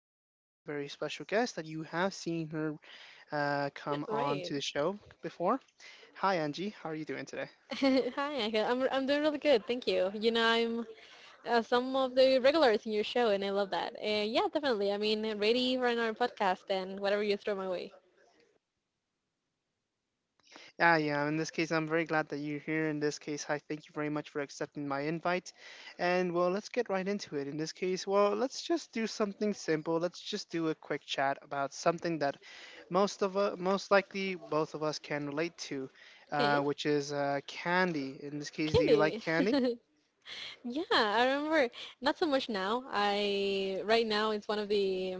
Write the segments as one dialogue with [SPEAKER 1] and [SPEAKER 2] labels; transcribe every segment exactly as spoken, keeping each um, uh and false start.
[SPEAKER 1] by a very special guest that you have seen her uh, come on
[SPEAKER 2] Right.
[SPEAKER 1] to the show before. Hi, Angie. How are you doing today?
[SPEAKER 2] Hi, Angel. I'm I'm doing really good. Thank you. You know, I'm uh, some of the regulars in your show, and I love that. Uh, yeah, definitely. I mean, ready for another podcast and whatever you throw my way.
[SPEAKER 1] Ah, yeah. In this case, I'm very glad that you're here. In this case, I thank you very much for accepting my invite. And well, let's get right into it. In this case, well, let's just do something simple. Let's just do a quick chat about something that most of uh, most likely both of us can relate to, uh,
[SPEAKER 2] Okay.
[SPEAKER 1] which is uh, candy. In this case, do you like
[SPEAKER 2] Candy.
[SPEAKER 1] candy?
[SPEAKER 2] Yeah, I remember. Not so much now. I right now it's one of the.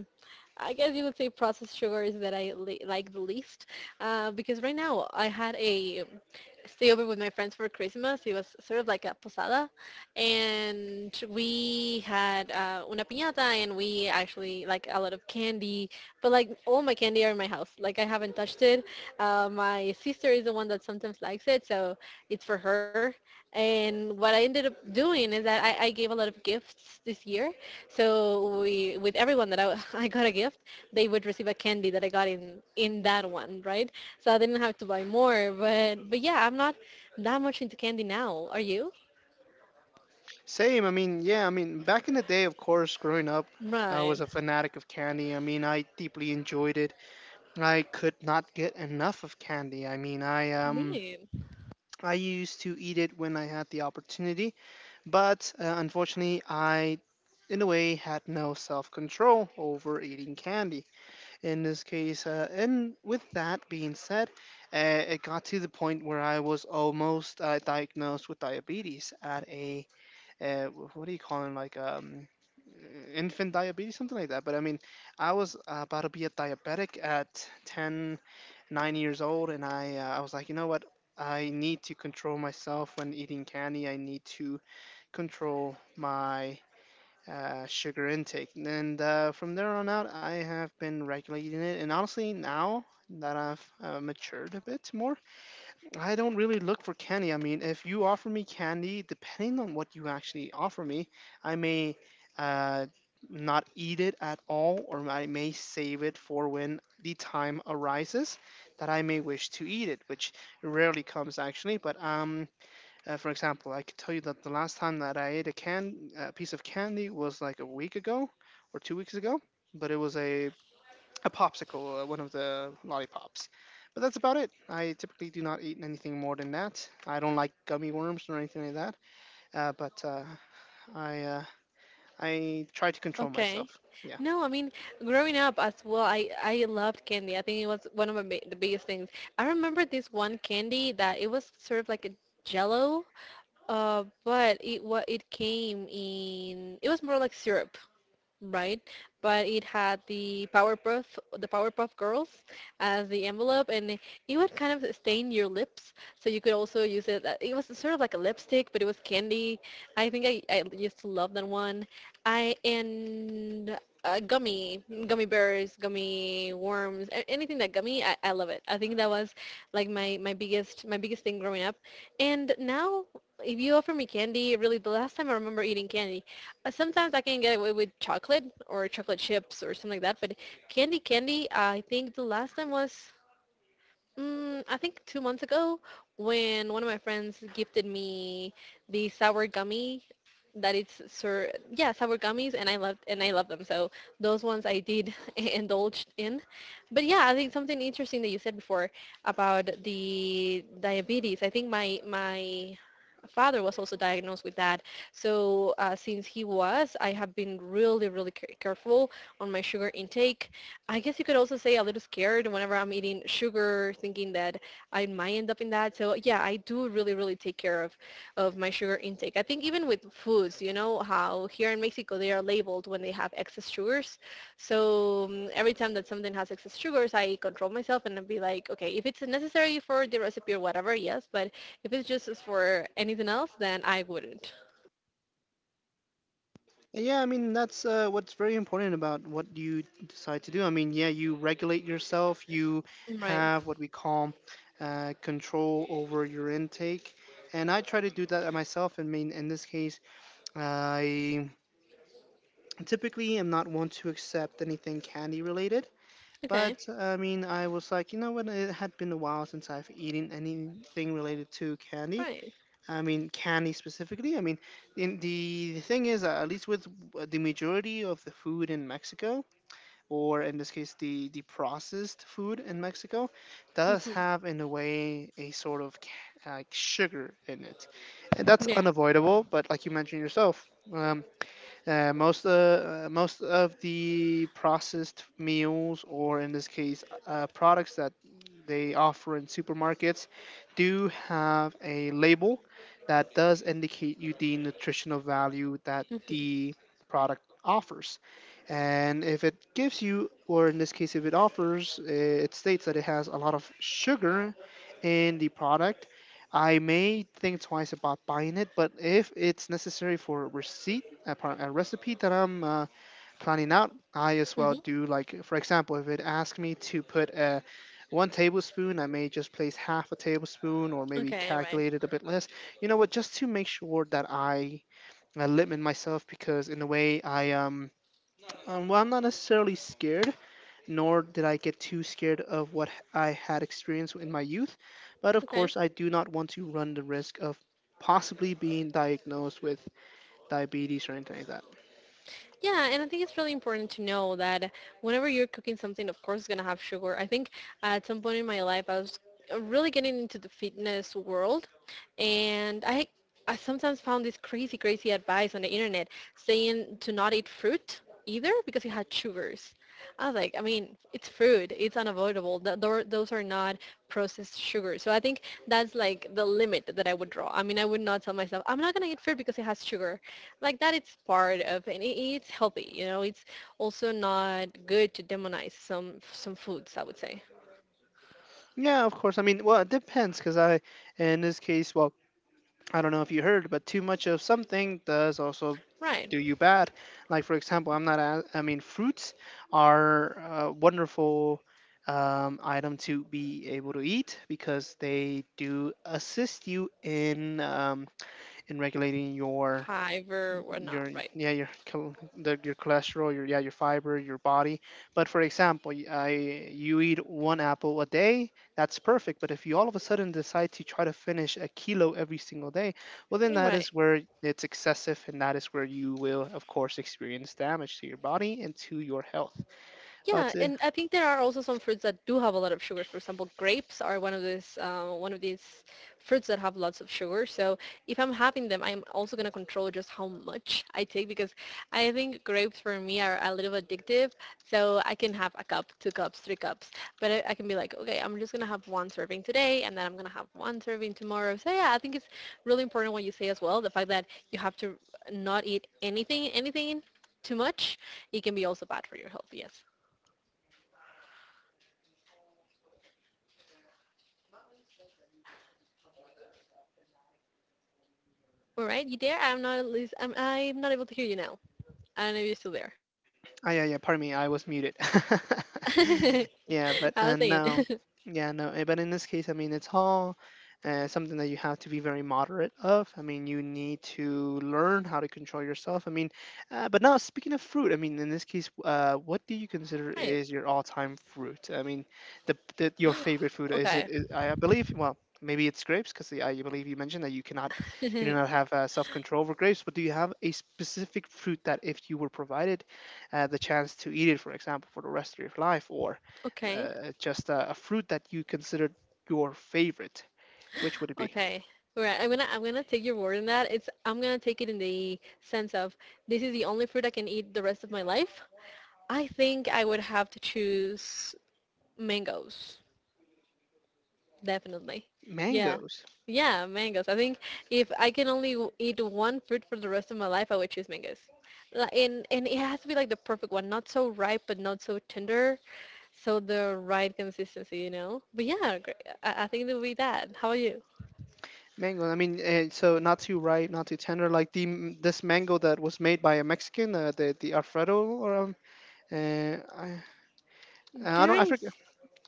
[SPEAKER 2] I guess you would say processed sugars that I li- like the least, uh, because right now I had a stay over with my friends for Christmas. It was sort of like a posada, and we had uh, una piñata, and we actually like a lot of candy. But like all my candy are in my house. Like I haven't touched it. Uh, my sister is the one that sometimes likes it, so it's for her. And what I ended up doing is that I, I gave a lot of gifts this year. So we, with everyone that I, I got a gift, they would receive a candy that I got in in that one, right? So I didn't have to buy more. But but yeah, I'm not that much into candy now. Are you?
[SPEAKER 1] Same. I mean, yeah. I mean, back in the day, of course, growing up, I
[SPEAKER 2] Right.
[SPEAKER 1] was a fanatic of candy. I mean, I deeply enjoyed it. I could not get enough of candy. I mean, I um,
[SPEAKER 2] Neat.
[SPEAKER 1] I used to eat it when I had the opportunity, but uh, unfortunately, I, in a way, had no self-control over eating candy. In this case, uh, and with that being said, uh, it got to the point where I was almost uh, diagnosed with diabetes at a uh, wh- what do you call him, like um infant diabetes, something like that. But I mean, I was uh, about to be a diabetic at ten, nine years old, and i uh, I was like, you know what, I need to control myself when eating candy. I need to control my uh, sugar intake, and uh, from there on out I have been regulating it. And honestly, now that I've uh, matured a bit more, I don't really look for candy. I mean, if you offer me candy, depending on what you actually offer me, I may uh, not eat it at all, or I may save it for when the time arises that I may wish to eat it, which rarely comes, actually. But um, uh, For example, I could tell you that the last time that I ate a can a piece of candy was like a week ago or two weeks ago, but it was a a popsicle, uh, one of the lollipops. But that's about it. I typically do not eat anything more than that. I don't like gummy worms or anything like that. Uh, but uh, I uh, I try to control
[SPEAKER 2] Okay.
[SPEAKER 1] myself. Yeah.
[SPEAKER 2] No, I mean, growing up as well, I I loved candy. I think it was one of my bi- the biggest things. I remember this one candy that it was sort of like a jello, uh, but it what it came in, it was more like syrup. Right? But it had the Powerpuff the Powerpuff Girls as the envelope, and it it would kind of stain your lips, so you could also use it. uh, It was sort of like a lipstick, but it was candy. I think I, I used to love that one. I and uh, gummy gummy bears, gummy worms, a- anything that gummy, I, I love it. I think that was like my my biggest my biggest thing growing up, and now. If you offer me candy, really, the last time I remember eating candy uh, sometimes I can get away with chocolate or chocolate chips or something like that, but candy, candy, I think the last time was Mm, I think two months ago when one of my friends gifted me the sour gummy that it's sir yeah sour gummies and I loved and I love them so those ones I did indulge in, but yeah I think something interesting that you said before about the diabetes. I think my my father was also diagnosed with that, so uh, since he was I have been really really care- careful on my sugar intake. I guess you could also say a little scared whenever I'm eating sugar, thinking that I might end up in that. So yeah, I do really, really take care of, of my sugar intake. I think even with foods, you know how here in Mexico they are labeled when they have excess sugars. So um, every time that something has excess sugars, I control myself and I'll be like, okay, if it's necessary for the recipe or whatever, yes. But if it's just for anything else, then I wouldn't.
[SPEAKER 1] And yeah, I mean that's uh, what's very important about what you decide to do. I mean, yeah, you regulate yourself. You
[SPEAKER 2] Right.
[SPEAKER 1] have what we call uh, control over your intake, and I try to do that myself. I mean, in this case, I typically am not one to accept anything candy related.
[SPEAKER 2] Okay.
[SPEAKER 1] But I mean, I was like, you know what? It had been a while since I've eaten anything related to candy.
[SPEAKER 2] Right.
[SPEAKER 1] I mean, candy specifically. I mean, in the, the thing is, uh, at least with w- the majority of the food in Mexico, or in this case, the, the processed food in Mexico, does
[SPEAKER 2] Mhm.
[SPEAKER 1] have, in a way, a sort of ca- like sugar in it. And that's
[SPEAKER 2] Yeah.
[SPEAKER 1] unavoidable, but like you mentioned yourself, um, uh, most uh, uh, most of the processed meals, or in this case, uh, products that they offer in supermarkets, do have a label that does indicate you the nutritional value that
[SPEAKER 2] Mhm.
[SPEAKER 1] the product offers. And if it gives you, or in this case, if it offers, uh, it states that it has a lot of sugar in the product, I may think twice about buying it. But if it's necessary for a receipt, a, par- a recipe that I'm uh, planning out, I as
[SPEAKER 2] Mhm.
[SPEAKER 1] well do. Like, for example, if it asks me to put a one tablespoon, I may just place half a tablespoon or maybe
[SPEAKER 2] Okay. Right.
[SPEAKER 1] calculate it a bit less. You know what? Just to make sure that I, I limit myself, because in a way I um, um well, I'm not necessarily scared, nor did I get too scared of what h- I had experienced in my youth. But of
[SPEAKER 2] Okay.
[SPEAKER 1] course, I do not want to run the risk of possibly being diagnosed with diabetes or anything like that.
[SPEAKER 2] Yeah, and I think it's really important to know that whenever you're cooking something, of course, it's going to have sugar. I think at some point in my life, I was uh, really getting into the fitness world, and I I sometimes found this crazy, crazy advice on the internet saying to not eat fruit either because it had sugars. I was like, I mean, it's food. It's unavoidable. Th- thor- Those are not processed sugar. So I think that's like the limit that I would draw. I mean, I would not tell myself, I'm not going to eat fruit because it has sugar. Like that, it's part of, and it- it's healthy. You know, it's also not good to demonize some some foods, I would say.
[SPEAKER 1] Yeah, of course. I mean, well, it depends because I, in this case, well, I don't know if you heard, but too much of something does also
[SPEAKER 2] Right.
[SPEAKER 1] do you bad. Like, for example, I'm not, a- I mean, fruits are a wonderful um, item to be able to eat because they do assist you in um, in regulating your
[SPEAKER 2] Fiber or not,
[SPEAKER 1] your
[SPEAKER 2] right.
[SPEAKER 1] yeah your chol- the, your cholesterol, your yeah your fiber, your body. But for example, y- I, you eat one apple a day, that's perfect. But if you all of a sudden decide to try to finish a kilo every single day, well, then
[SPEAKER 2] You're
[SPEAKER 1] that
[SPEAKER 2] right.
[SPEAKER 1] is where it's excessive, and that is where you will of course experience damage to your body and to your health.
[SPEAKER 2] Yeah,
[SPEAKER 1] But uh,
[SPEAKER 2] and I think there are also some fruits that do have a lot of sugars. For example, grapes are one of these uh, one of these fruits that have lots of sugar. So if I'm having them, I'm also gonna control just how much I take because I think grapes for me are a little addictive. So I can have a cup, two cups, three cups, but I, I can be like, okay, I'm just gonna have one serving today, and then I'm gonna have one serving tomorrow. So yeah, I think it's really important what you say as well. The fact that you have to not eat anything, anything too much, it can be also bad for your health. Yes. All right, you there? I'm not at least, I'm, I'm not able to hear you now. I don't know if you're still there.
[SPEAKER 1] Oh, yeah, yeah. Pardon me, I was muted. Yeah,
[SPEAKER 2] I
[SPEAKER 1] but
[SPEAKER 2] was
[SPEAKER 1] uh,
[SPEAKER 2] saying.
[SPEAKER 1] no, yeah, no. eh, But in this case, I mean, it's all uh, something that you have to be very moderate of. I mean, you need to learn how to control yourself. I mean, uh, but now speaking of fruit, I mean, in this case, uh, what do you consider
[SPEAKER 2] Right.
[SPEAKER 1] is your all-time fruit? I mean, the, the your favorite fruit, is it?
[SPEAKER 2] Okay.
[SPEAKER 1] Is, I I believe, well, maybe it's grapes because I I believe you mentioned that you cannot, you do not have uh, self-control over grapes. But do you have a specific fruit that if you were provided uh, the chance to eat it, for example, for the rest of your life, or
[SPEAKER 2] Okay.
[SPEAKER 1] uh, just a, a fruit that you considered your favorite, which would it be?
[SPEAKER 2] Okay. All right. I'm gonna I'm gonna take your word on that. It's I'm gonna take it in the sense of this is the only fruit I can eat the rest of my life. I think I would have to choose mangoes. Definitely. Yeah.
[SPEAKER 1] Mangoes.
[SPEAKER 2] Yeah, mangoes. I think if I can only w- eat one fruit for the rest of my life, I would choose mangoes. Li- And and it has to be like the perfect one, not so ripe but not so tender, so the right consistency, you know. But yeah, gr- I, I think it would be that. How about you?
[SPEAKER 1] Mango. I mean, uh, so not too ripe, not too tender. Like the m- this mango that was made by a Mexican, uh, the the Alfredo, or um, uh, I, I
[SPEAKER 2] There
[SPEAKER 1] don't, I forget,
[SPEAKER 2] is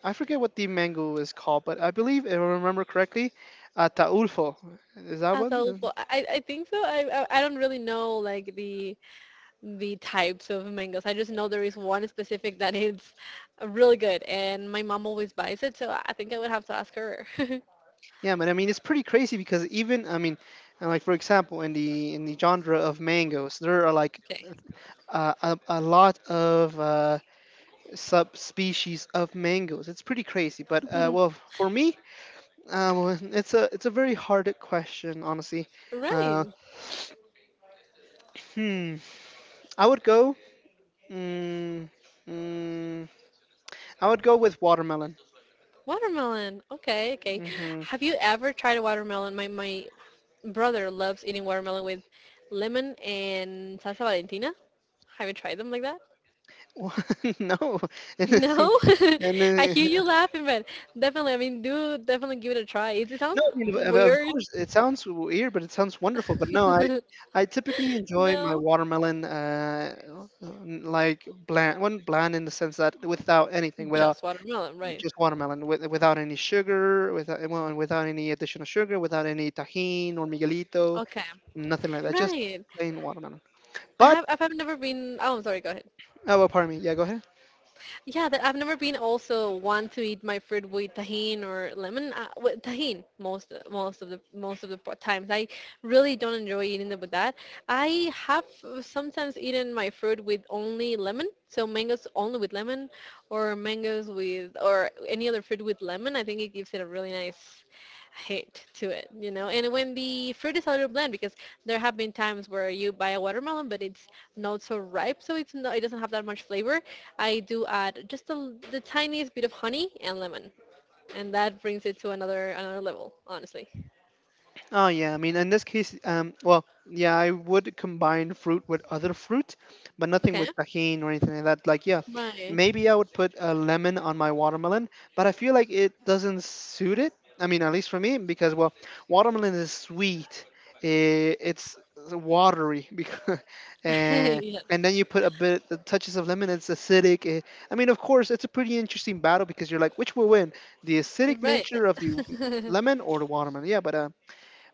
[SPEAKER 1] I forget what the mango is called. But I believe, if I remember correctly, uh, Taulfo. Is that one?
[SPEAKER 2] adolfo. I I I think so. I I I don't really know like the the types of mangoes. I just know there is one specific that is really good, and my mom always buys it, so I think I would have to ask her.
[SPEAKER 1] Yeah, but I mean it's pretty crazy because even, I mean, uh, like for example, in the in the genre of mangoes, there are like
[SPEAKER 2] Okay.
[SPEAKER 1] uh, a a lot of uh, subspecies of mangoes. It's pretty crazy. But uh, well, for me, uh, well, it's a it's a very hard question, honestly. Uh,
[SPEAKER 2] Right.
[SPEAKER 1] hmm, I would go. Mm, mm, I would go with watermelon.
[SPEAKER 2] Watermelon. Okay, okay.
[SPEAKER 1] Mm-hmm.
[SPEAKER 2] Have you ever tried a watermelon? My my brother loves eating watermelon with lemon and salsa Valentina. Have you tried them like that?
[SPEAKER 1] No, and, it's-
[SPEAKER 2] No?
[SPEAKER 1] and
[SPEAKER 2] I hear
[SPEAKER 1] uh,
[SPEAKER 2] you laughing, but definitely, I mean, do definitely give it a try. It, it
[SPEAKER 1] No,
[SPEAKER 2] sounds
[SPEAKER 1] I mean, of, of
[SPEAKER 2] weird.
[SPEAKER 1] course, it sounds weird, but it sounds wonderful. But no, I, I typically enjoy my
[SPEAKER 2] No?
[SPEAKER 1] watermelon, uh, uh, n- like bland, one bland in the sense that without anything, without
[SPEAKER 2] Just watermelon, right.
[SPEAKER 1] just watermelon, with, without any sugar, without, well, and without any additional sugar, without any tahine or miguelito,
[SPEAKER 2] Okay.
[SPEAKER 1] nothing like that, just
[SPEAKER 2] Right.
[SPEAKER 1] plain watermelon.
[SPEAKER 2] I
[SPEAKER 1] But
[SPEAKER 2] have I've never been, oh, I'm sorry, go ahead.
[SPEAKER 1] oh, well, pardon me. Yeah, go ahead.
[SPEAKER 2] Yeah, that I've never been also one to eat my fruit with tahine or lemon. Uh, with tahine most most of the most of the po- times. I really don't enjoy eating it with that. I have uh, sometimes eaten my fruit with only lemon. So mangoes only with lemon, or mangoes with or any other fruit with lemon. I think it gives it a really nice hit to it, you know. And when the fruit is a little bland, because there have been times where you buy a watermelon, but it's not so ripe, so it's not, it doesn't have that much flavor. I do add just the, the tiniest bit of honey and lemon, and that brings it to another another level, honestly.
[SPEAKER 1] Oh, yeah. I mean, in this case, um, well, yeah, I would combine fruit with other fruit, but nothing
[SPEAKER 2] Okay,
[SPEAKER 1] with tahine or anything like that. Like, yeah,
[SPEAKER 2] right,
[SPEAKER 1] maybe I would put a lemon on my watermelon, but I feel like it doesn't suit it. I mean, at least for me, because, well, watermelon is sweet, eh, it's watery, because, and,
[SPEAKER 2] yes,
[SPEAKER 1] and then you put a bit the touches of lemon, it's acidic. eh. I mean, of course, it's a pretty interesting battle because you're like, which will win, the acidic
[SPEAKER 2] right.
[SPEAKER 1] nature of the lemon or the watermelon? Yeah, but. Uh,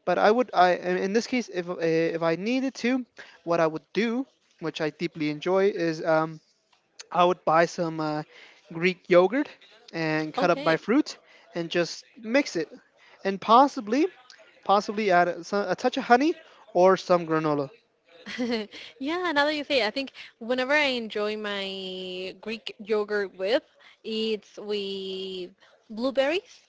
[SPEAKER 1] But I would, I in in this case, if uh, if I needed to, what I would do, which I deeply enjoy, is um, I would buy some uh, Greek yogurt and cut up my
[SPEAKER 2] Okay,
[SPEAKER 1] fruit and just mix it, and possibly possibly add a, so- a touch of honey or some granola.
[SPEAKER 2] yeah. Now that you say, it, I think whenever I enjoy my Greek yogurt with, it's with blueberries.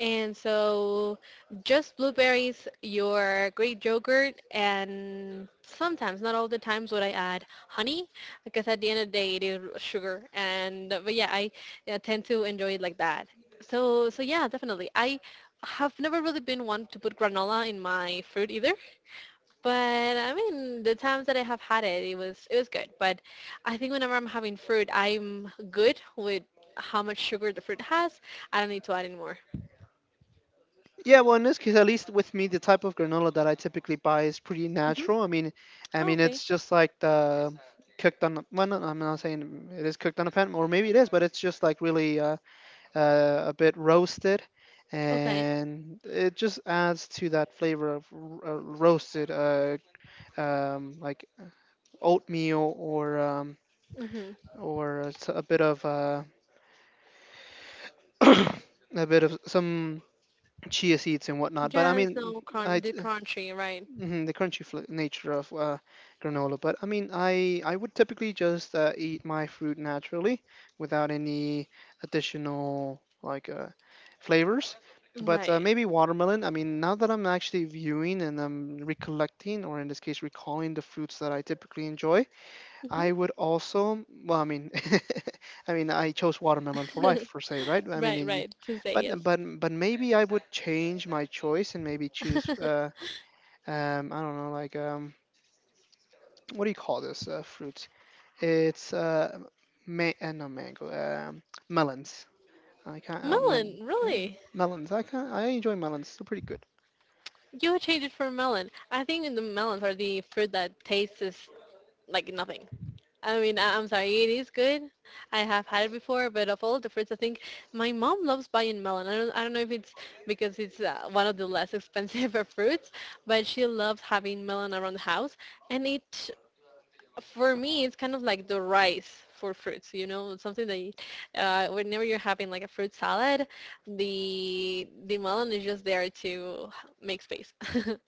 [SPEAKER 2] And so just blueberries, your Greek yogurt, and sometimes, not all the times, would I add honey because at the end of the day it is sugar. And but yeah, I, I tend to enjoy it like that. So so yeah, definitely. I have never really been one to put granola in my fruit either. But I mean, the times that I have had it, it was it was good. But I think whenever I'm having fruit, I'm good with how much sugar the fruit has. I don't need to add in more.
[SPEAKER 1] Yeah, well, in this case, at least with me, the type of granola that I typically buy is pretty
[SPEAKER 2] Hmm.
[SPEAKER 1] natural. I mean, I
[SPEAKER 2] Oh,
[SPEAKER 1] mean,
[SPEAKER 2] okay.
[SPEAKER 1] it's just like the cooked on. the- Well, no, I'm not saying it is cooked on a pan, or maybe it is, but it's just like really uh, uh, a bit roasted,
[SPEAKER 2] Okay.
[SPEAKER 1] and it just adds to that flavor of r- uh, roasted, uh, um, like oatmeal, or um,
[SPEAKER 2] Mhm.
[SPEAKER 1] or s- a bit of uh, a bit of some chia seeds and whatnot. But I
[SPEAKER 2] Just
[SPEAKER 1] mean,
[SPEAKER 2] no crunch,
[SPEAKER 1] I
[SPEAKER 2] the crunchy, right?
[SPEAKER 1] hmm the crunchy fl- nature of uh, granola. But I mean, I I would typically just uh, eat my fruit naturally without any additional, like uh, flavors. But uh,
[SPEAKER 2] Right.
[SPEAKER 1] maybe watermelon. I mean, now that I'm actually viewing and I'm recollecting, or in this case, recalling the fruits that I typically enjoy,
[SPEAKER 2] Mhm.
[SPEAKER 1] I would also. Well, I mean, I mean, I chose watermelon for life, per se, right? I mean,
[SPEAKER 2] Right.
[SPEAKER 1] y-
[SPEAKER 2] Right. To say
[SPEAKER 1] but
[SPEAKER 2] yes.
[SPEAKER 1] but but maybe I would change my choice and maybe choose. Uh, um I don't know, like, um what do you call this uh, fruit? It's uh ma- uh, not mango, um melons. I can't, uh,
[SPEAKER 2] Melon,
[SPEAKER 1] melon. Yeah,
[SPEAKER 2] really?
[SPEAKER 1] melons, I can't I enjoy melons, they're pretty good.
[SPEAKER 2] You would change it for melon. I think the melons are the fruit that tastes like nothing. I mean, I- I'm sorry, it is good. I have had it before, but of all the fruits, I think my mom loves buying melon. I don't, I don't know if it's because it's uh, one of the less expensive fruits, but she loves having melon around the house, and it for me it's kind of like the rice for fruits, you know, it's something that you, uh, whenever you're having like a fruit salad the the melon is just there to make space.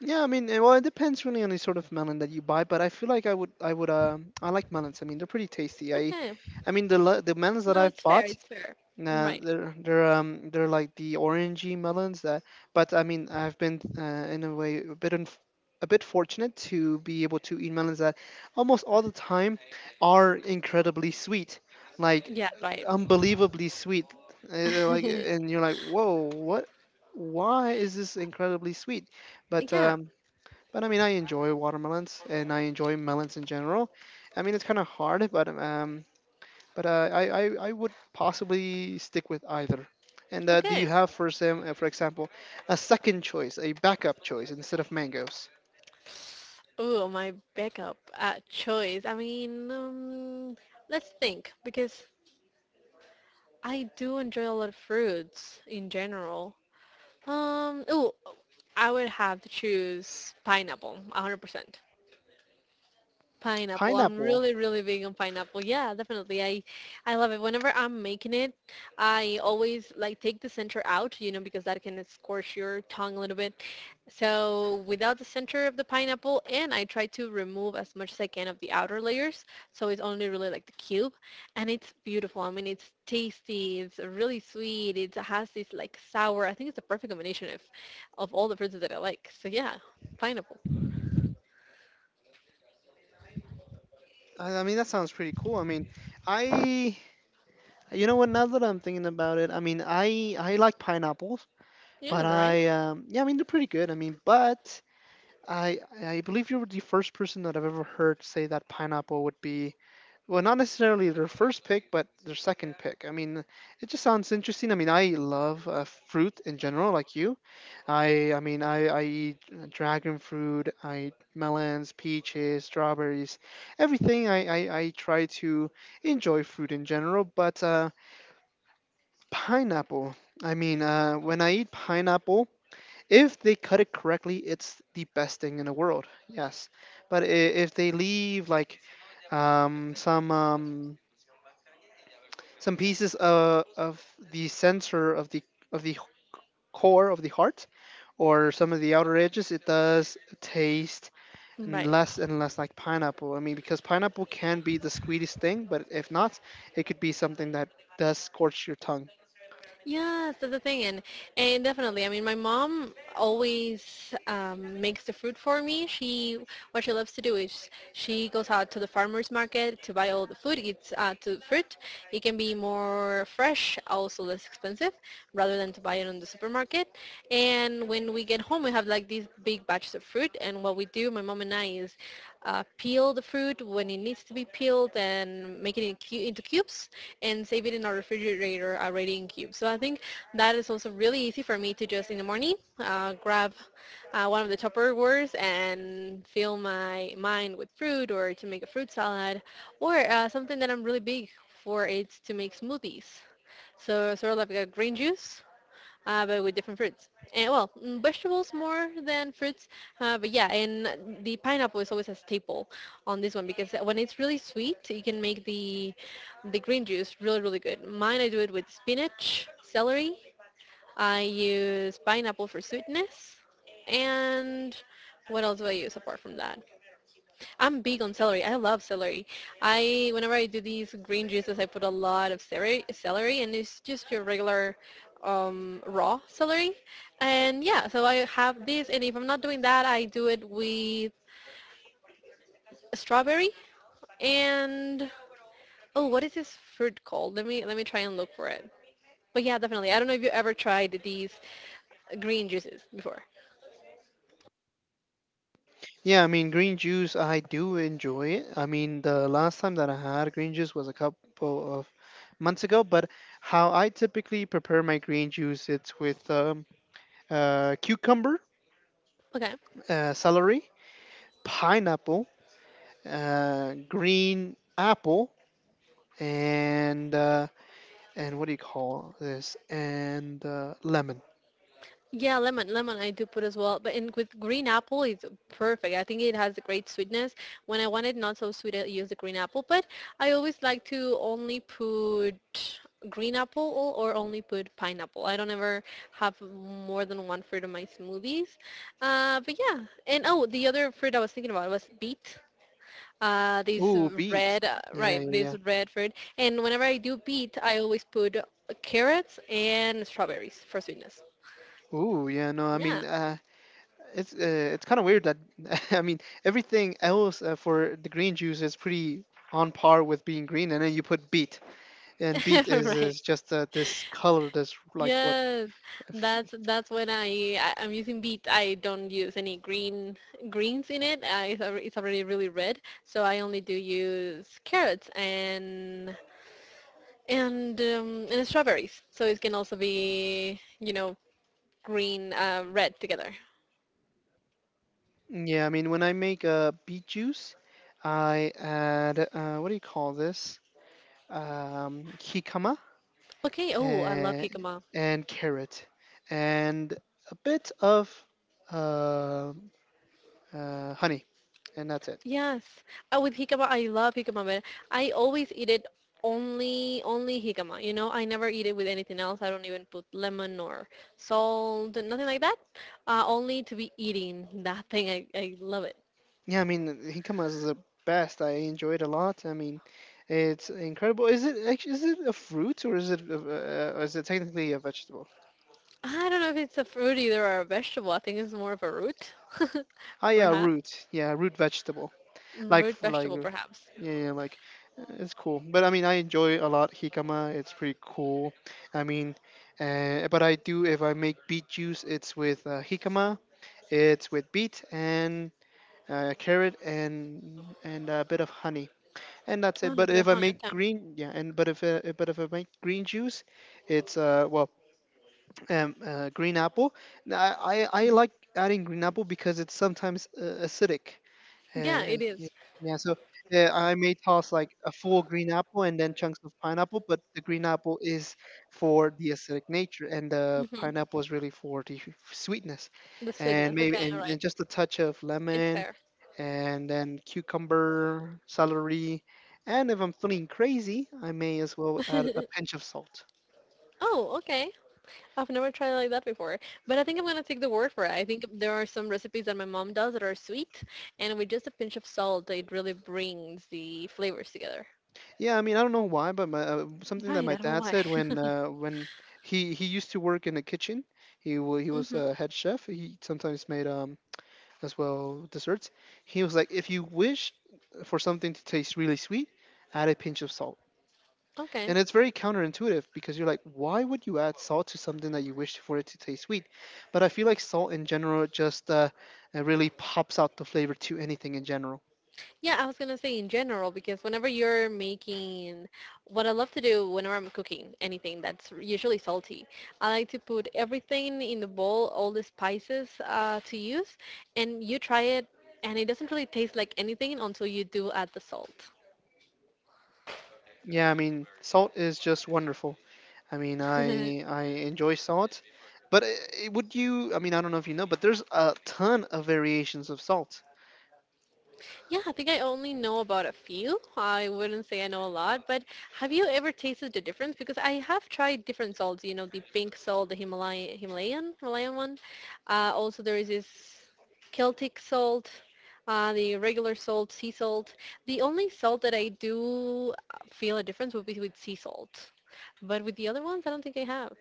[SPEAKER 1] Yeah, I mean, eh, well, it depends really on the sort of melon that you buy, but I feel like i would i would um I like melons. I mean, they're pretty tasty. i
[SPEAKER 2] Okay.
[SPEAKER 1] i mean the le- the melons that
[SPEAKER 2] No,
[SPEAKER 1] I've
[SPEAKER 2] it's
[SPEAKER 1] bought.
[SPEAKER 2] fair, it's fair.
[SPEAKER 1] Nah,
[SPEAKER 2] Right.
[SPEAKER 1] they're they're um they're like the orangey melons that. But I mean, I've been uh, in a way a bit unf a bit fortunate to be able to eat melons that almost all the time are incredibly sweet, like
[SPEAKER 2] Yeah, right.
[SPEAKER 1] unbelievably sweet. Uh, like, and you're like, whoa, what? Why is this incredibly sweet? But
[SPEAKER 2] Yeah.
[SPEAKER 1] um, but I mean, I enjoy watermelons and I enjoy melons in general. I mean, it's kind of hard, but um but uh, I, I I would possibly stick with either. And uh, do you
[SPEAKER 2] Okay.
[SPEAKER 1] have, for Sam, uh, for example, a second choice, a backup choice instead of mangoes?
[SPEAKER 2] Oh, my backup uh, choice. I mean, um, let's think because I do enjoy a lot of fruits in general. Um, ooh, I would have to choose pineapple, one hundred percent. Pineapple. I'm
[SPEAKER 1] Pineapple.
[SPEAKER 2] really, really big on pineapple. Yeah, definitely. I, I love it. Whenever I'm making it, I always like take the center out, you know, because that can scorch your tongue a little bit. So without the center of the pineapple, and I try to remove as much as I can of the outer layers. So it's only really like the cube, and it's beautiful. I mean, it's tasty. It's really sweet. It has this like sour. I think it's the perfect combination of, of all the fruits that I like. So yeah, pineapple.
[SPEAKER 1] I, I mean, that sounds pretty cool. I mean, I, you know what? Now that I'm thinking about it, I mean, I I like pineapples,
[SPEAKER 2] Yeah,
[SPEAKER 1] but
[SPEAKER 2] is that right?
[SPEAKER 1] I um, yeah, I mean, they're pretty good. I mean, but I I believe you were the first person that I've ever heard say that pineapple would be, well, not necessarily their first pick, but their second pick. I mean, it just sounds interesting. I mean, I love uh, fruit in general, like you. I I mean, I I eat uh, dragon fruit. I eat melons, peaches, strawberries, everything. I I, I try to enjoy fruit in general, but uh, pineapple. I mean, uh, when I eat pineapple. If they cut it correctly, it's the best thing in the world. Yes, but i- if they leave like um, some um, some pieces of, of the center of the of the core of the heart, or some of the outer edges, it does taste n-
[SPEAKER 2] Right.
[SPEAKER 1] less and less like pineapple. I mean, because pineapple can be the sweetest thing, but if not, it could be something that does scorch your tongue.
[SPEAKER 2] Yeah, that's the thing, and and definitely. I mean, my mom always um, makes the fruit for me. She what she loves to do is she goes out to the farmers market to buy all the food. It's uh, to fruit. It can be more fresh, also less expensive, rather than to buy it on the supermarket. And when we get home, we have like these big batches of fruit. And what we do, my mom and I, is uh, peel the fruit when it needs to be peeled and make it in cu- into cubes and save it in our refrigerator already in cubes. So I think that is also really easy for me to just in the morning uh, grab uh, one of the Tupperwares and fill my mind with fruit or to make a fruit salad or uh, something that I'm really big for is to make smoothies. So sort of like a green juice uh, but with different fruits. And well, mm, vegetables more than fruits, uh, but yeah, and the pineapple is always a staple on this one because when it's really sweet, you can make the the green juice really really good. Mine I do it with spinach, celery. I use pineapple for sweetness, and what else do I use apart from that? I'm big on celery. I love celery. I whenever I do these green juices, I put a lot of celery, celery, and it's just your regular um, raw celery. And yeah, so I have this, and if I'm not doing that, I do it with a strawberry and oh, what is this fruit called? Let me let me try and look for it. But yeah, definitely. I don't know if you ever tried these green juices before.
[SPEAKER 1] Yeah, I mean, green juice, I do enjoy it. I mean, the last time that I had green juice was a couple of months ago, but how I typically prepare my green juice, it's with um, uh, cucumber,
[SPEAKER 2] Okay.
[SPEAKER 1] uh, celery, pineapple, uh, green apple, and uh, and what do you call this? And uh, lemon.
[SPEAKER 2] Yeah, lemon, lemon I do put as well. But in with green apple, it's perfect. I think it has a great sweetness. When I want it not so sweet, I use the green apple. But I always like to only put green apple or only put pineapple. I don't ever have more than one fruit in my smoothies. Uh, but yeah, and oh, the other fruit I was thinking about was beet. Uh, this
[SPEAKER 1] Ooh, beet.
[SPEAKER 2] red, uh,
[SPEAKER 1] Yeah,
[SPEAKER 2] right,
[SPEAKER 1] yeah,
[SPEAKER 2] this
[SPEAKER 1] yeah.
[SPEAKER 2] red fruit. And whenever I do beet, I always put carrots and strawberries for sweetness.
[SPEAKER 1] Ooh, yeah. No, I
[SPEAKER 2] Yeah.
[SPEAKER 1] mean, uh, it's uh, it's kind of weird that I mean everything else uh, for the green juice is pretty on par with being green, and then you put beet, and beet is
[SPEAKER 2] Right.
[SPEAKER 1] is just uh, this color that's like what?
[SPEAKER 2] Yes.
[SPEAKER 1] if-
[SPEAKER 2] That's that's when I, I I'm using beet. I don't use any green greens in it. Uh, it's alre- it's already really red. So I only do use carrots and and um, and strawberries. So it can also be, you know, green uh red together.
[SPEAKER 1] Yeah, I mean, when I make uh, beet juice, I add uh, what do you call this? Um, jicama
[SPEAKER 2] Okay. Oh, I love
[SPEAKER 1] and,
[SPEAKER 2] jicama.
[SPEAKER 1] and carrot and a bit of uh, uh, honey, and that's it.
[SPEAKER 2] Yes. Uh, with jicama, I love jicama, but I always eat it only only jicama. You know, I never eat it with anything else. I don't even put lemon or salt, nothing like that. Uh, only to be eating that thing. I, I love it.
[SPEAKER 1] Yeah, I mean, Hinkama is the best. I enjoy it a lot. I mean, it's incredible. Is it actually, is it a fruit, or is it a- uh, or is it technically a vegetable?
[SPEAKER 2] I don't know if it's a fruit either or a vegetable. I think it's more of a root,
[SPEAKER 1] Ah, yeah,
[SPEAKER 2] perhaps.
[SPEAKER 1] root. Yeah, root vegetable.
[SPEAKER 2] Mm,
[SPEAKER 1] Like
[SPEAKER 2] root
[SPEAKER 1] f- like
[SPEAKER 2] vegetable,
[SPEAKER 1] uh,
[SPEAKER 2] perhaps.
[SPEAKER 1] yeah, yeah, like uh, it's cool. But I mean, I enjoy a lot Hikama. It's pretty cool. I mean, uh, but I do, if I make beet juice, it's with uh, Hikama. It's with beet and uh, carrot and and a bit of honey. And that's
[SPEAKER 2] Oh,
[SPEAKER 1] it.
[SPEAKER 2] no,
[SPEAKER 1] But
[SPEAKER 2] but a
[SPEAKER 1] if I
[SPEAKER 2] hundred
[SPEAKER 1] make
[SPEAKER 2] time.
[SPEAKER 1] green, yeah, and but if uh, if- but if I make green juice, it's uh well um uh, green apple. Now, I, I I like
[SPEAKER 2] Hmm.
[SPEAKER 1] adding green apple because it's sometimes uh, acidic.
[SPEAKER 2] Yeah,
[SPEAKER 1] Uh,
[SPEAKER 2] it is.
[SPEAKER 1] yeah, yeah, so uh, I may toss like a full green apple and then chunks of pineapple, but the green apple is for the acidic nature, and the
[SPEAKER 2] Mm-hmm.
[SPEAKER 1] pineapple is really for the sweetness,
[SPEAKER 2] The
[SPEAKER 1] and
[SPEAKER 2] sweetness.
[SPEAKER 1] maybe
[SPEAKER 2] Okay, all
[SPEAKER 1] and,
[SPEAKER 2] right.
[SPEAKER 1] and just a touch of
[SPEAKER 2] It's
[SPEAKER 1] lemon,
[SPEAKER 2] fair.
[SPEAKER 1] and then cucumber, celery, and if I'm feeling crazy, I may as well add a pinch of salt.
[SPEAKER 2] Oh, okay. I've never tried it like that before, but I think I'm gonna take the word for it. I think there are some recipes that my mom does that are sweet, and with just a pinch of salt, it really brings the flavors together.
[SPEAKER 1] Yeah, I mean, I don't know why, but my, uh, something that
[SPEAKER 2] Right,
[SPEAKER 1] my
[SPEAKER 2] I don't know
[SPEAKER 1] dad
[SPEAKER 2] why.
[SPEAKER 1] said when uh, when he he used to work in the kitchen. He wa he was
[SPEAKER 2] Hmm.
[SPEAKER 1] a head chef. He sometimes made um as well desserts. He was like, if you wish for something to taste really sweet, add a pinch of salt.
[SPEAKER 2] Okay.
[SPEAKER 1] And it's very counterintuitive because you're like, why would you add salt to something that you wish for it to taste sweet? But I feel like salt in general just uh, uh, really pops out the flavor to anything in general.
[SPEAKER 2] Yeah, I was gonna say in general because whenever you're making, what I love to do whenever I'm cooking anything that's usually salty, I like to put everything in the bowl, all the spices uh, to use, and you try it, and it doesn't really taste like anything until you do add the salt.
[SPEAKER 1] Yeah, I mean, salt is just wonderful. I mean, I I enjoy salt, but uh, uh, would you? I mean, I don't know if you know, but there's a ton of variations of salt.
[SPEAKER 2] Yeah, I think I only know about a few. I wouldn't say I know a lot, but have you ever tasted the difference? Because I have tried different salts, you know, the pink salt, the Himalayan, Himalayan, Himalayan one. Uh, also, there is this Celtic salt, uh, the regular salt, sea salt. The only salt that I do uh, feel a difference would be with sea salt, but with the other ones, I don't think I have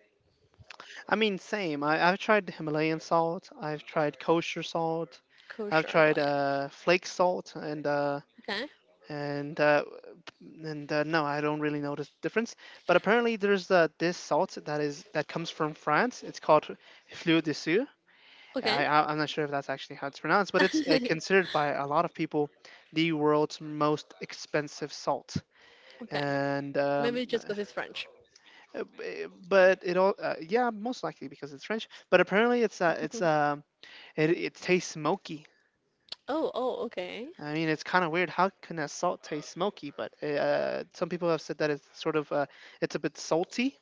[SPEAKER 1] I mean, same. I, I've tried Himalayan salt. I've tried kosher salt. I've
[SPEAKER 2] kosher as well.
[SPEAKER 1] tried uh, flake salt, and uh,
[SPEAKER 2] Yeah.
[SPEAKER 1] and uh, and uh, no, I don't really notice the difference. But apparently, there's uh, this salt that is that comes from France. It's called Fleur de Sceau. I,
[SPEAKER 2] Okay,
[SPEAKER 1] I- I'm not sure if that's actually how it's pronounced, but it's uh,
[SPEAKER 2] okay,
[SPEAKER 1] considered by a lot of people the world's most expensive salt.
[SPEAKER 2] okay.
[SPEAKER 1] And um,
[SPEAKER 2] Maybe just because it's French.
[SPEAKER 1] uh, b- but it all uh, yeah, most likely because it's French. But apparently it's uh it's um it, it tastes smoky.
[SPEAKER 2] Oh, oh, okay.
[SPEAKER 1] I mean, it's kind of weird, how can a salt taste smoky? But uh some people have said that it's sort of uh it's a bit salty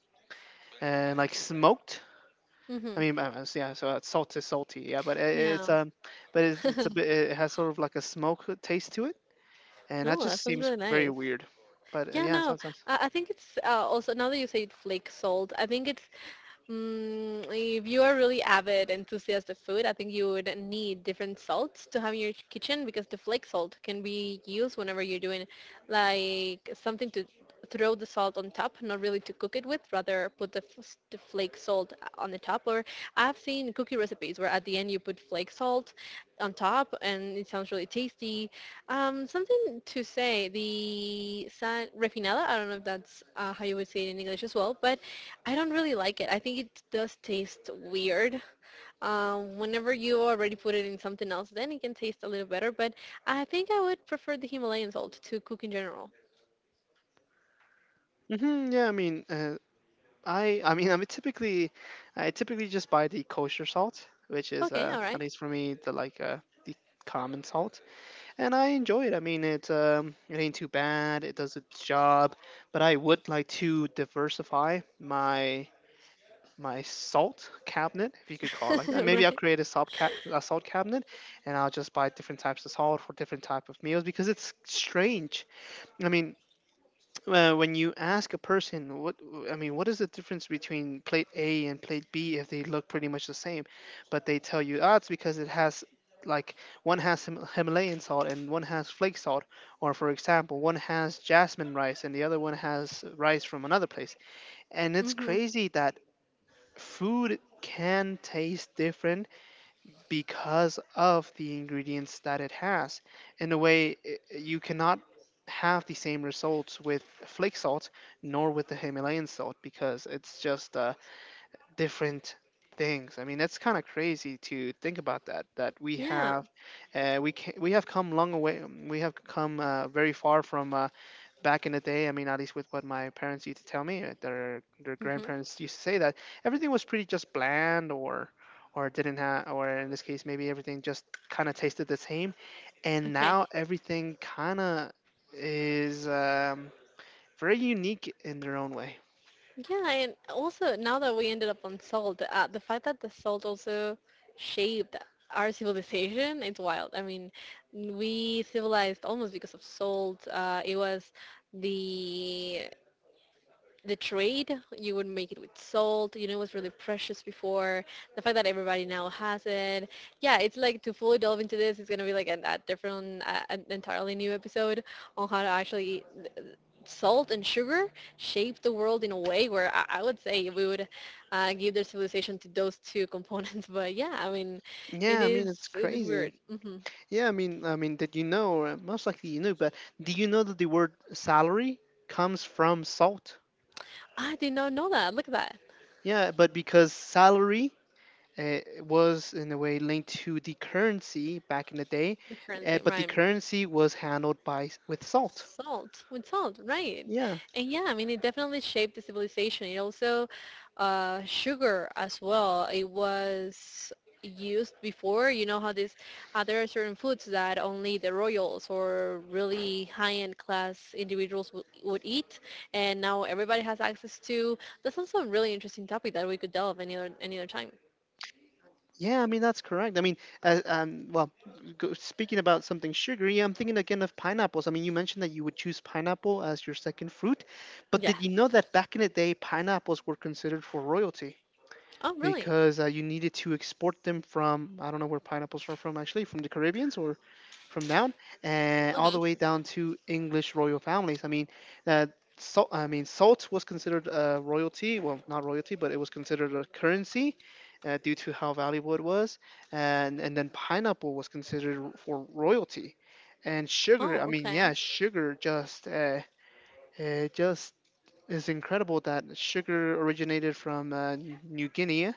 [SPEAKER 1] and like smoked. I
[SPEAKER 2] Mm-hmm.
[SPEAKER 1] mean, uh, s- yeah, so uh, salt is salty, yeah, but it,
[SPEAKER 2] Yeah.
[SPEAKER 1] it's um but it's, it's a bit, it has sort of like a smoke taste to it, and that
[SPEAKER 2] No,
[SPEAKER 1] just
[SPEAKER 2] that sounds
[SPEAKER 1] seems
[SPEAKER 2] really
[SPEAKER 1] very
[SPEAKER 2] nice.
[SPEAKER 1] weird. But uh,
[SPEAKER 2] Yeah,
[SPEAKER 1] yeah, it
[SPEAKER 2] no,
[SPEAKER 1] sounds nice.
[SPEAKER 2] I, I think it's uh, also now that you say flake salt, I think it's mm, if you are really avid enthusiast of food, I think you would need different salts to have in your kitchen because the flake salt can be used whenever you're doing like something to throw the salt on top, not really to cook it with, rather put the, f- the flake salt on the top. Or I've seen cookie recipes where at the end you put flake salt on top and it sounds really tasty. Um, something to say, the san refinada, I don't know if that's uh, how you would say it in English as well, but I don't really like it. I think it does taste weird. Um, whenever you already put it in something else, then it can taste a little better. But I think I would prefer the Himalayan salt to cook in general.
[SPEAKER 1] Hmm yeah, I mean, uh, I I mean, I'm typically, I typically just buy the kosher salt, which is
[SPEAKER 2] Okay,
[SPEAKER 1] uh
[SPEAKER 2] all
[SPEAKER 1] at
[SPEAKER 2] right,
[SPEAKER 1] least for me the like uh the common salt, and I enjoy it. I mean, it um it ain't too bad. It does its job, but I would like to diversify my my salt cabinet, if you could call it like that. Maybe
[SPEAKER 2] right.
[SPEAKER 1] I'll create a salt ca- a salt cabinet, and I'll just buy different types of salt for different type of meals because it's strange. I mean, uh, when you ask a person, what, I mean, what is the difference between plate A and plate B if they look pretty much the same, but they tell you, ah, it's because it has like one has Him- Himalayan salt and one has flake salt, or for example, one has jasmine rice and the other one has rice from another place. And
[SPEAKER 2] Mhm.
[SPEAKER 1] it's crazy that food can taste different because of the ingredients that it has. In a way, i- you cannot have the same results with flake salt nor with the Himalayan salt because it's just uh, different things. I mean, that's kind of crazy to think about that. That we
[SPEAKER 2] Yeah.
[SPEAKER 1] have, uh, we can, we have come long away. um, We have come uh, very far from uh, back in the day. I mean, at least with what my parents used to tell me, uh, their their
[SPEAKER 2] Mhm.
[SPEAKER 1] grandparents used to say that everything was pretty just bland or. Or didn't have, or in this case, maybe everything just kind of tasted the same, and
[SPEAKER 2] Okay.
[SPEAKER 1] now everything kind of is um, very unique in their own way.
[SPEAKER 2] Yeah, and also now that we ended up on salt, uh, the fact that the salt also shaped our civilization, it's wild. I mean, we civilized almost because of salt. Uh, it was the the trade you would make it with salt, you know, it was really precious before, the fact that everybody now has it. Yeah, it's like to fully delve into this, it's going to be like an, a different uh, an entirely new episode on how to actually salt and sugar shape the world in a way where i, I would say we would uh, give their civilization to those two components. But yeah, I mean, it
[SPEAKER 1] Yeah, I mean,
[SPEAKER 2] is,
[SPEAKER 1] it's
[SPEAKER 2] it is
[SPEAKER 1] crazy.
[SPEAKER 2] weird. Hmm.
[SPEAKER 1] Yeah, I mean, I mean that, you know, uh, most likely you know, but do you know that the word salary comes from salt?
[SPEAKER 2] I did not know that, look at that.
[SPEAKER 1] Yeah, but because salary uh, was in a way linked to the currency back in the day,
[SPEAKER 2] The
[SPEAKER 1] uh,
[SPEAKER 2] currency
[SPEAKER 1] but the
[SPEAKER 2] rhyme.
[SPEAKER 1] currency was handled by s- with salt.
[SPEAKER 2] Salt, with salt, right.
[SPEAKER 1] Yeah,
[SPEAKER 2] And yeah, I mean, it definitely shaped the civilization. It also uh sugar as well, it was used before. You know how this uh, there are certain foods that only the royals or really high-end class individuals would, would eat, and now everybody has access to. That's also a really interesting topic that we could delve any other any other time.
[SPEAKER 1] yeah, I mean, that's correct. I mean, uh, um, well, go, speaking about something sugary, I'm thinking again of pineapples. I mean, you mentioned that you would choose pineapple as your second fruit, but
[SPEAKER 2] Yes.
[SPEAKER 1] did you know that back in the day, pineapples were considered for royalty?
[SPEAKER 2] Oh, really?
[SPEAKER 1] Because uh, you needed to export them from, I don't know where pineapples are from, actually from the Caribbeans or from down and all the
[SPEAKER 2] Okay.
[SPEAKER 1] way down to English royal families. I mean, uh, salt. I mean, salt was considered a royalty. Well, not royalty, but it was considered a currency. Uh, due to how valuable it was, and and then pineapple was considered for royalty, and sugar. I
[SPEAKER 2] Oh,
[SPEAKER 1] mean, yeah,
[SPEAKER 2] okay.
[SPEAKER 1] sugar just uh, it just is incredible that sugar originated from uh, New Guinea,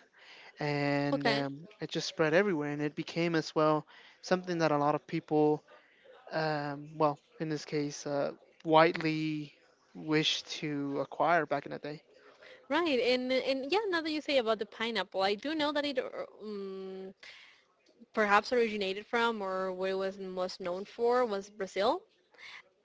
[SPEAKER 1] and
[SPEAKER 2] Okay.
[SPEAKER 1] um, it just spread everywhere and it became as well something that a lot of people um, well, in this case, uh, widely wished to acquire back in the day.
[SPEAKER 2] Right, and and yeah, now that you say about the pineapple, I do know that it uh, um, perhaps originated from, or what it was most known for, was Brazil.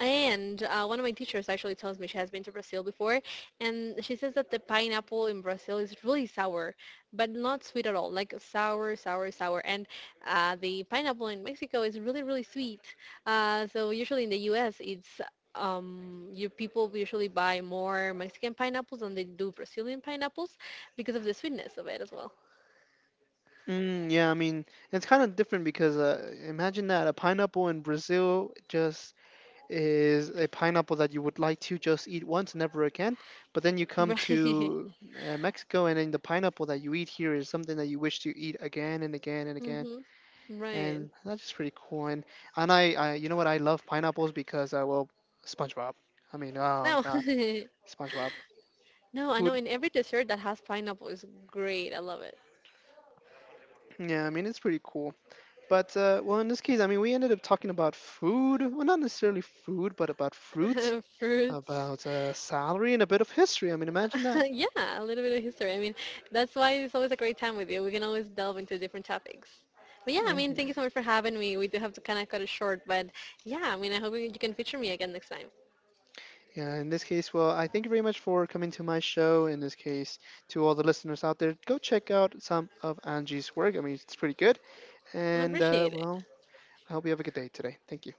[SPEAKER 2] And uh, one of my teachers actually tells me she has been to Brazil before, and she says that the pineapple in Brazil is really sour, but not sweet at all, like sour, sour, sour. And uh, the pineapple in Mexico is really, really sweet. Uh, so usually in the U S, it's um, you people usually buy more Mexican pineapples than they do Brazilian pineapples because of the sweetness of it as well.
[SPEAKER 1] mm, Yeah, I mean, it's kind of different because uh, imagine that a pineapple in Brazil just is a pineapple that you would like to just eat once, never again, but then you come
[SPEAKER 2] Right.
[SPEAKER 1] to uh, Mexico, and then the pineapple that you eat here is something that you wish to eat again and again and again,
[SPEAKER 2] Hmm. Right.
[SPEAKER 1] and that's just pretty cool. And and I, I, you know what? I love pineapples because uh, well, SpongeBob. I mean, oh
[SPEAKER 2] No.
[SPEAKER 1] God, SpongeBob.
[SPEAKER 2] No, I know,
[SPEAKER 1] Who'd?
[SPEAKER 2] in every dessert that has pineapple is great. I love it.
[SPEAKER 1] Yeah, I mean, it's pretty cool. But uh, well, in this case, I mean, we ended up talking about food. Well, not necessarily food, but about fruit,
[SPEAKER 2] Fruits.
[SPEAKER 1] about uh, salary, and a bit of history. I mean, imagine that.
[SPEAKER 2] Yeah, a little bit of history. I mean, that's why it's always a great time with you. We can always delve into different topics. But yeah, I mean, thank you
[SPEAKER 1] hmm
[SPEAKER 2] so much for having me. We do have to kind of cut it short, but yeah, I mean, I hope you you can feature me again next time.
[SPEAKER 1] Yeah, in this case, well, I thank you very much for coming to my show. In this case, to all the listeners out there, go check out some of Angie's work. I mean, it's pretty good.
[SPEAKER 2] I
[SPEAKER 1] And
[SPEAKER 2] appreciate it.
[SPEAKER 1] uh, well, I hope you have a good day today. Thank you.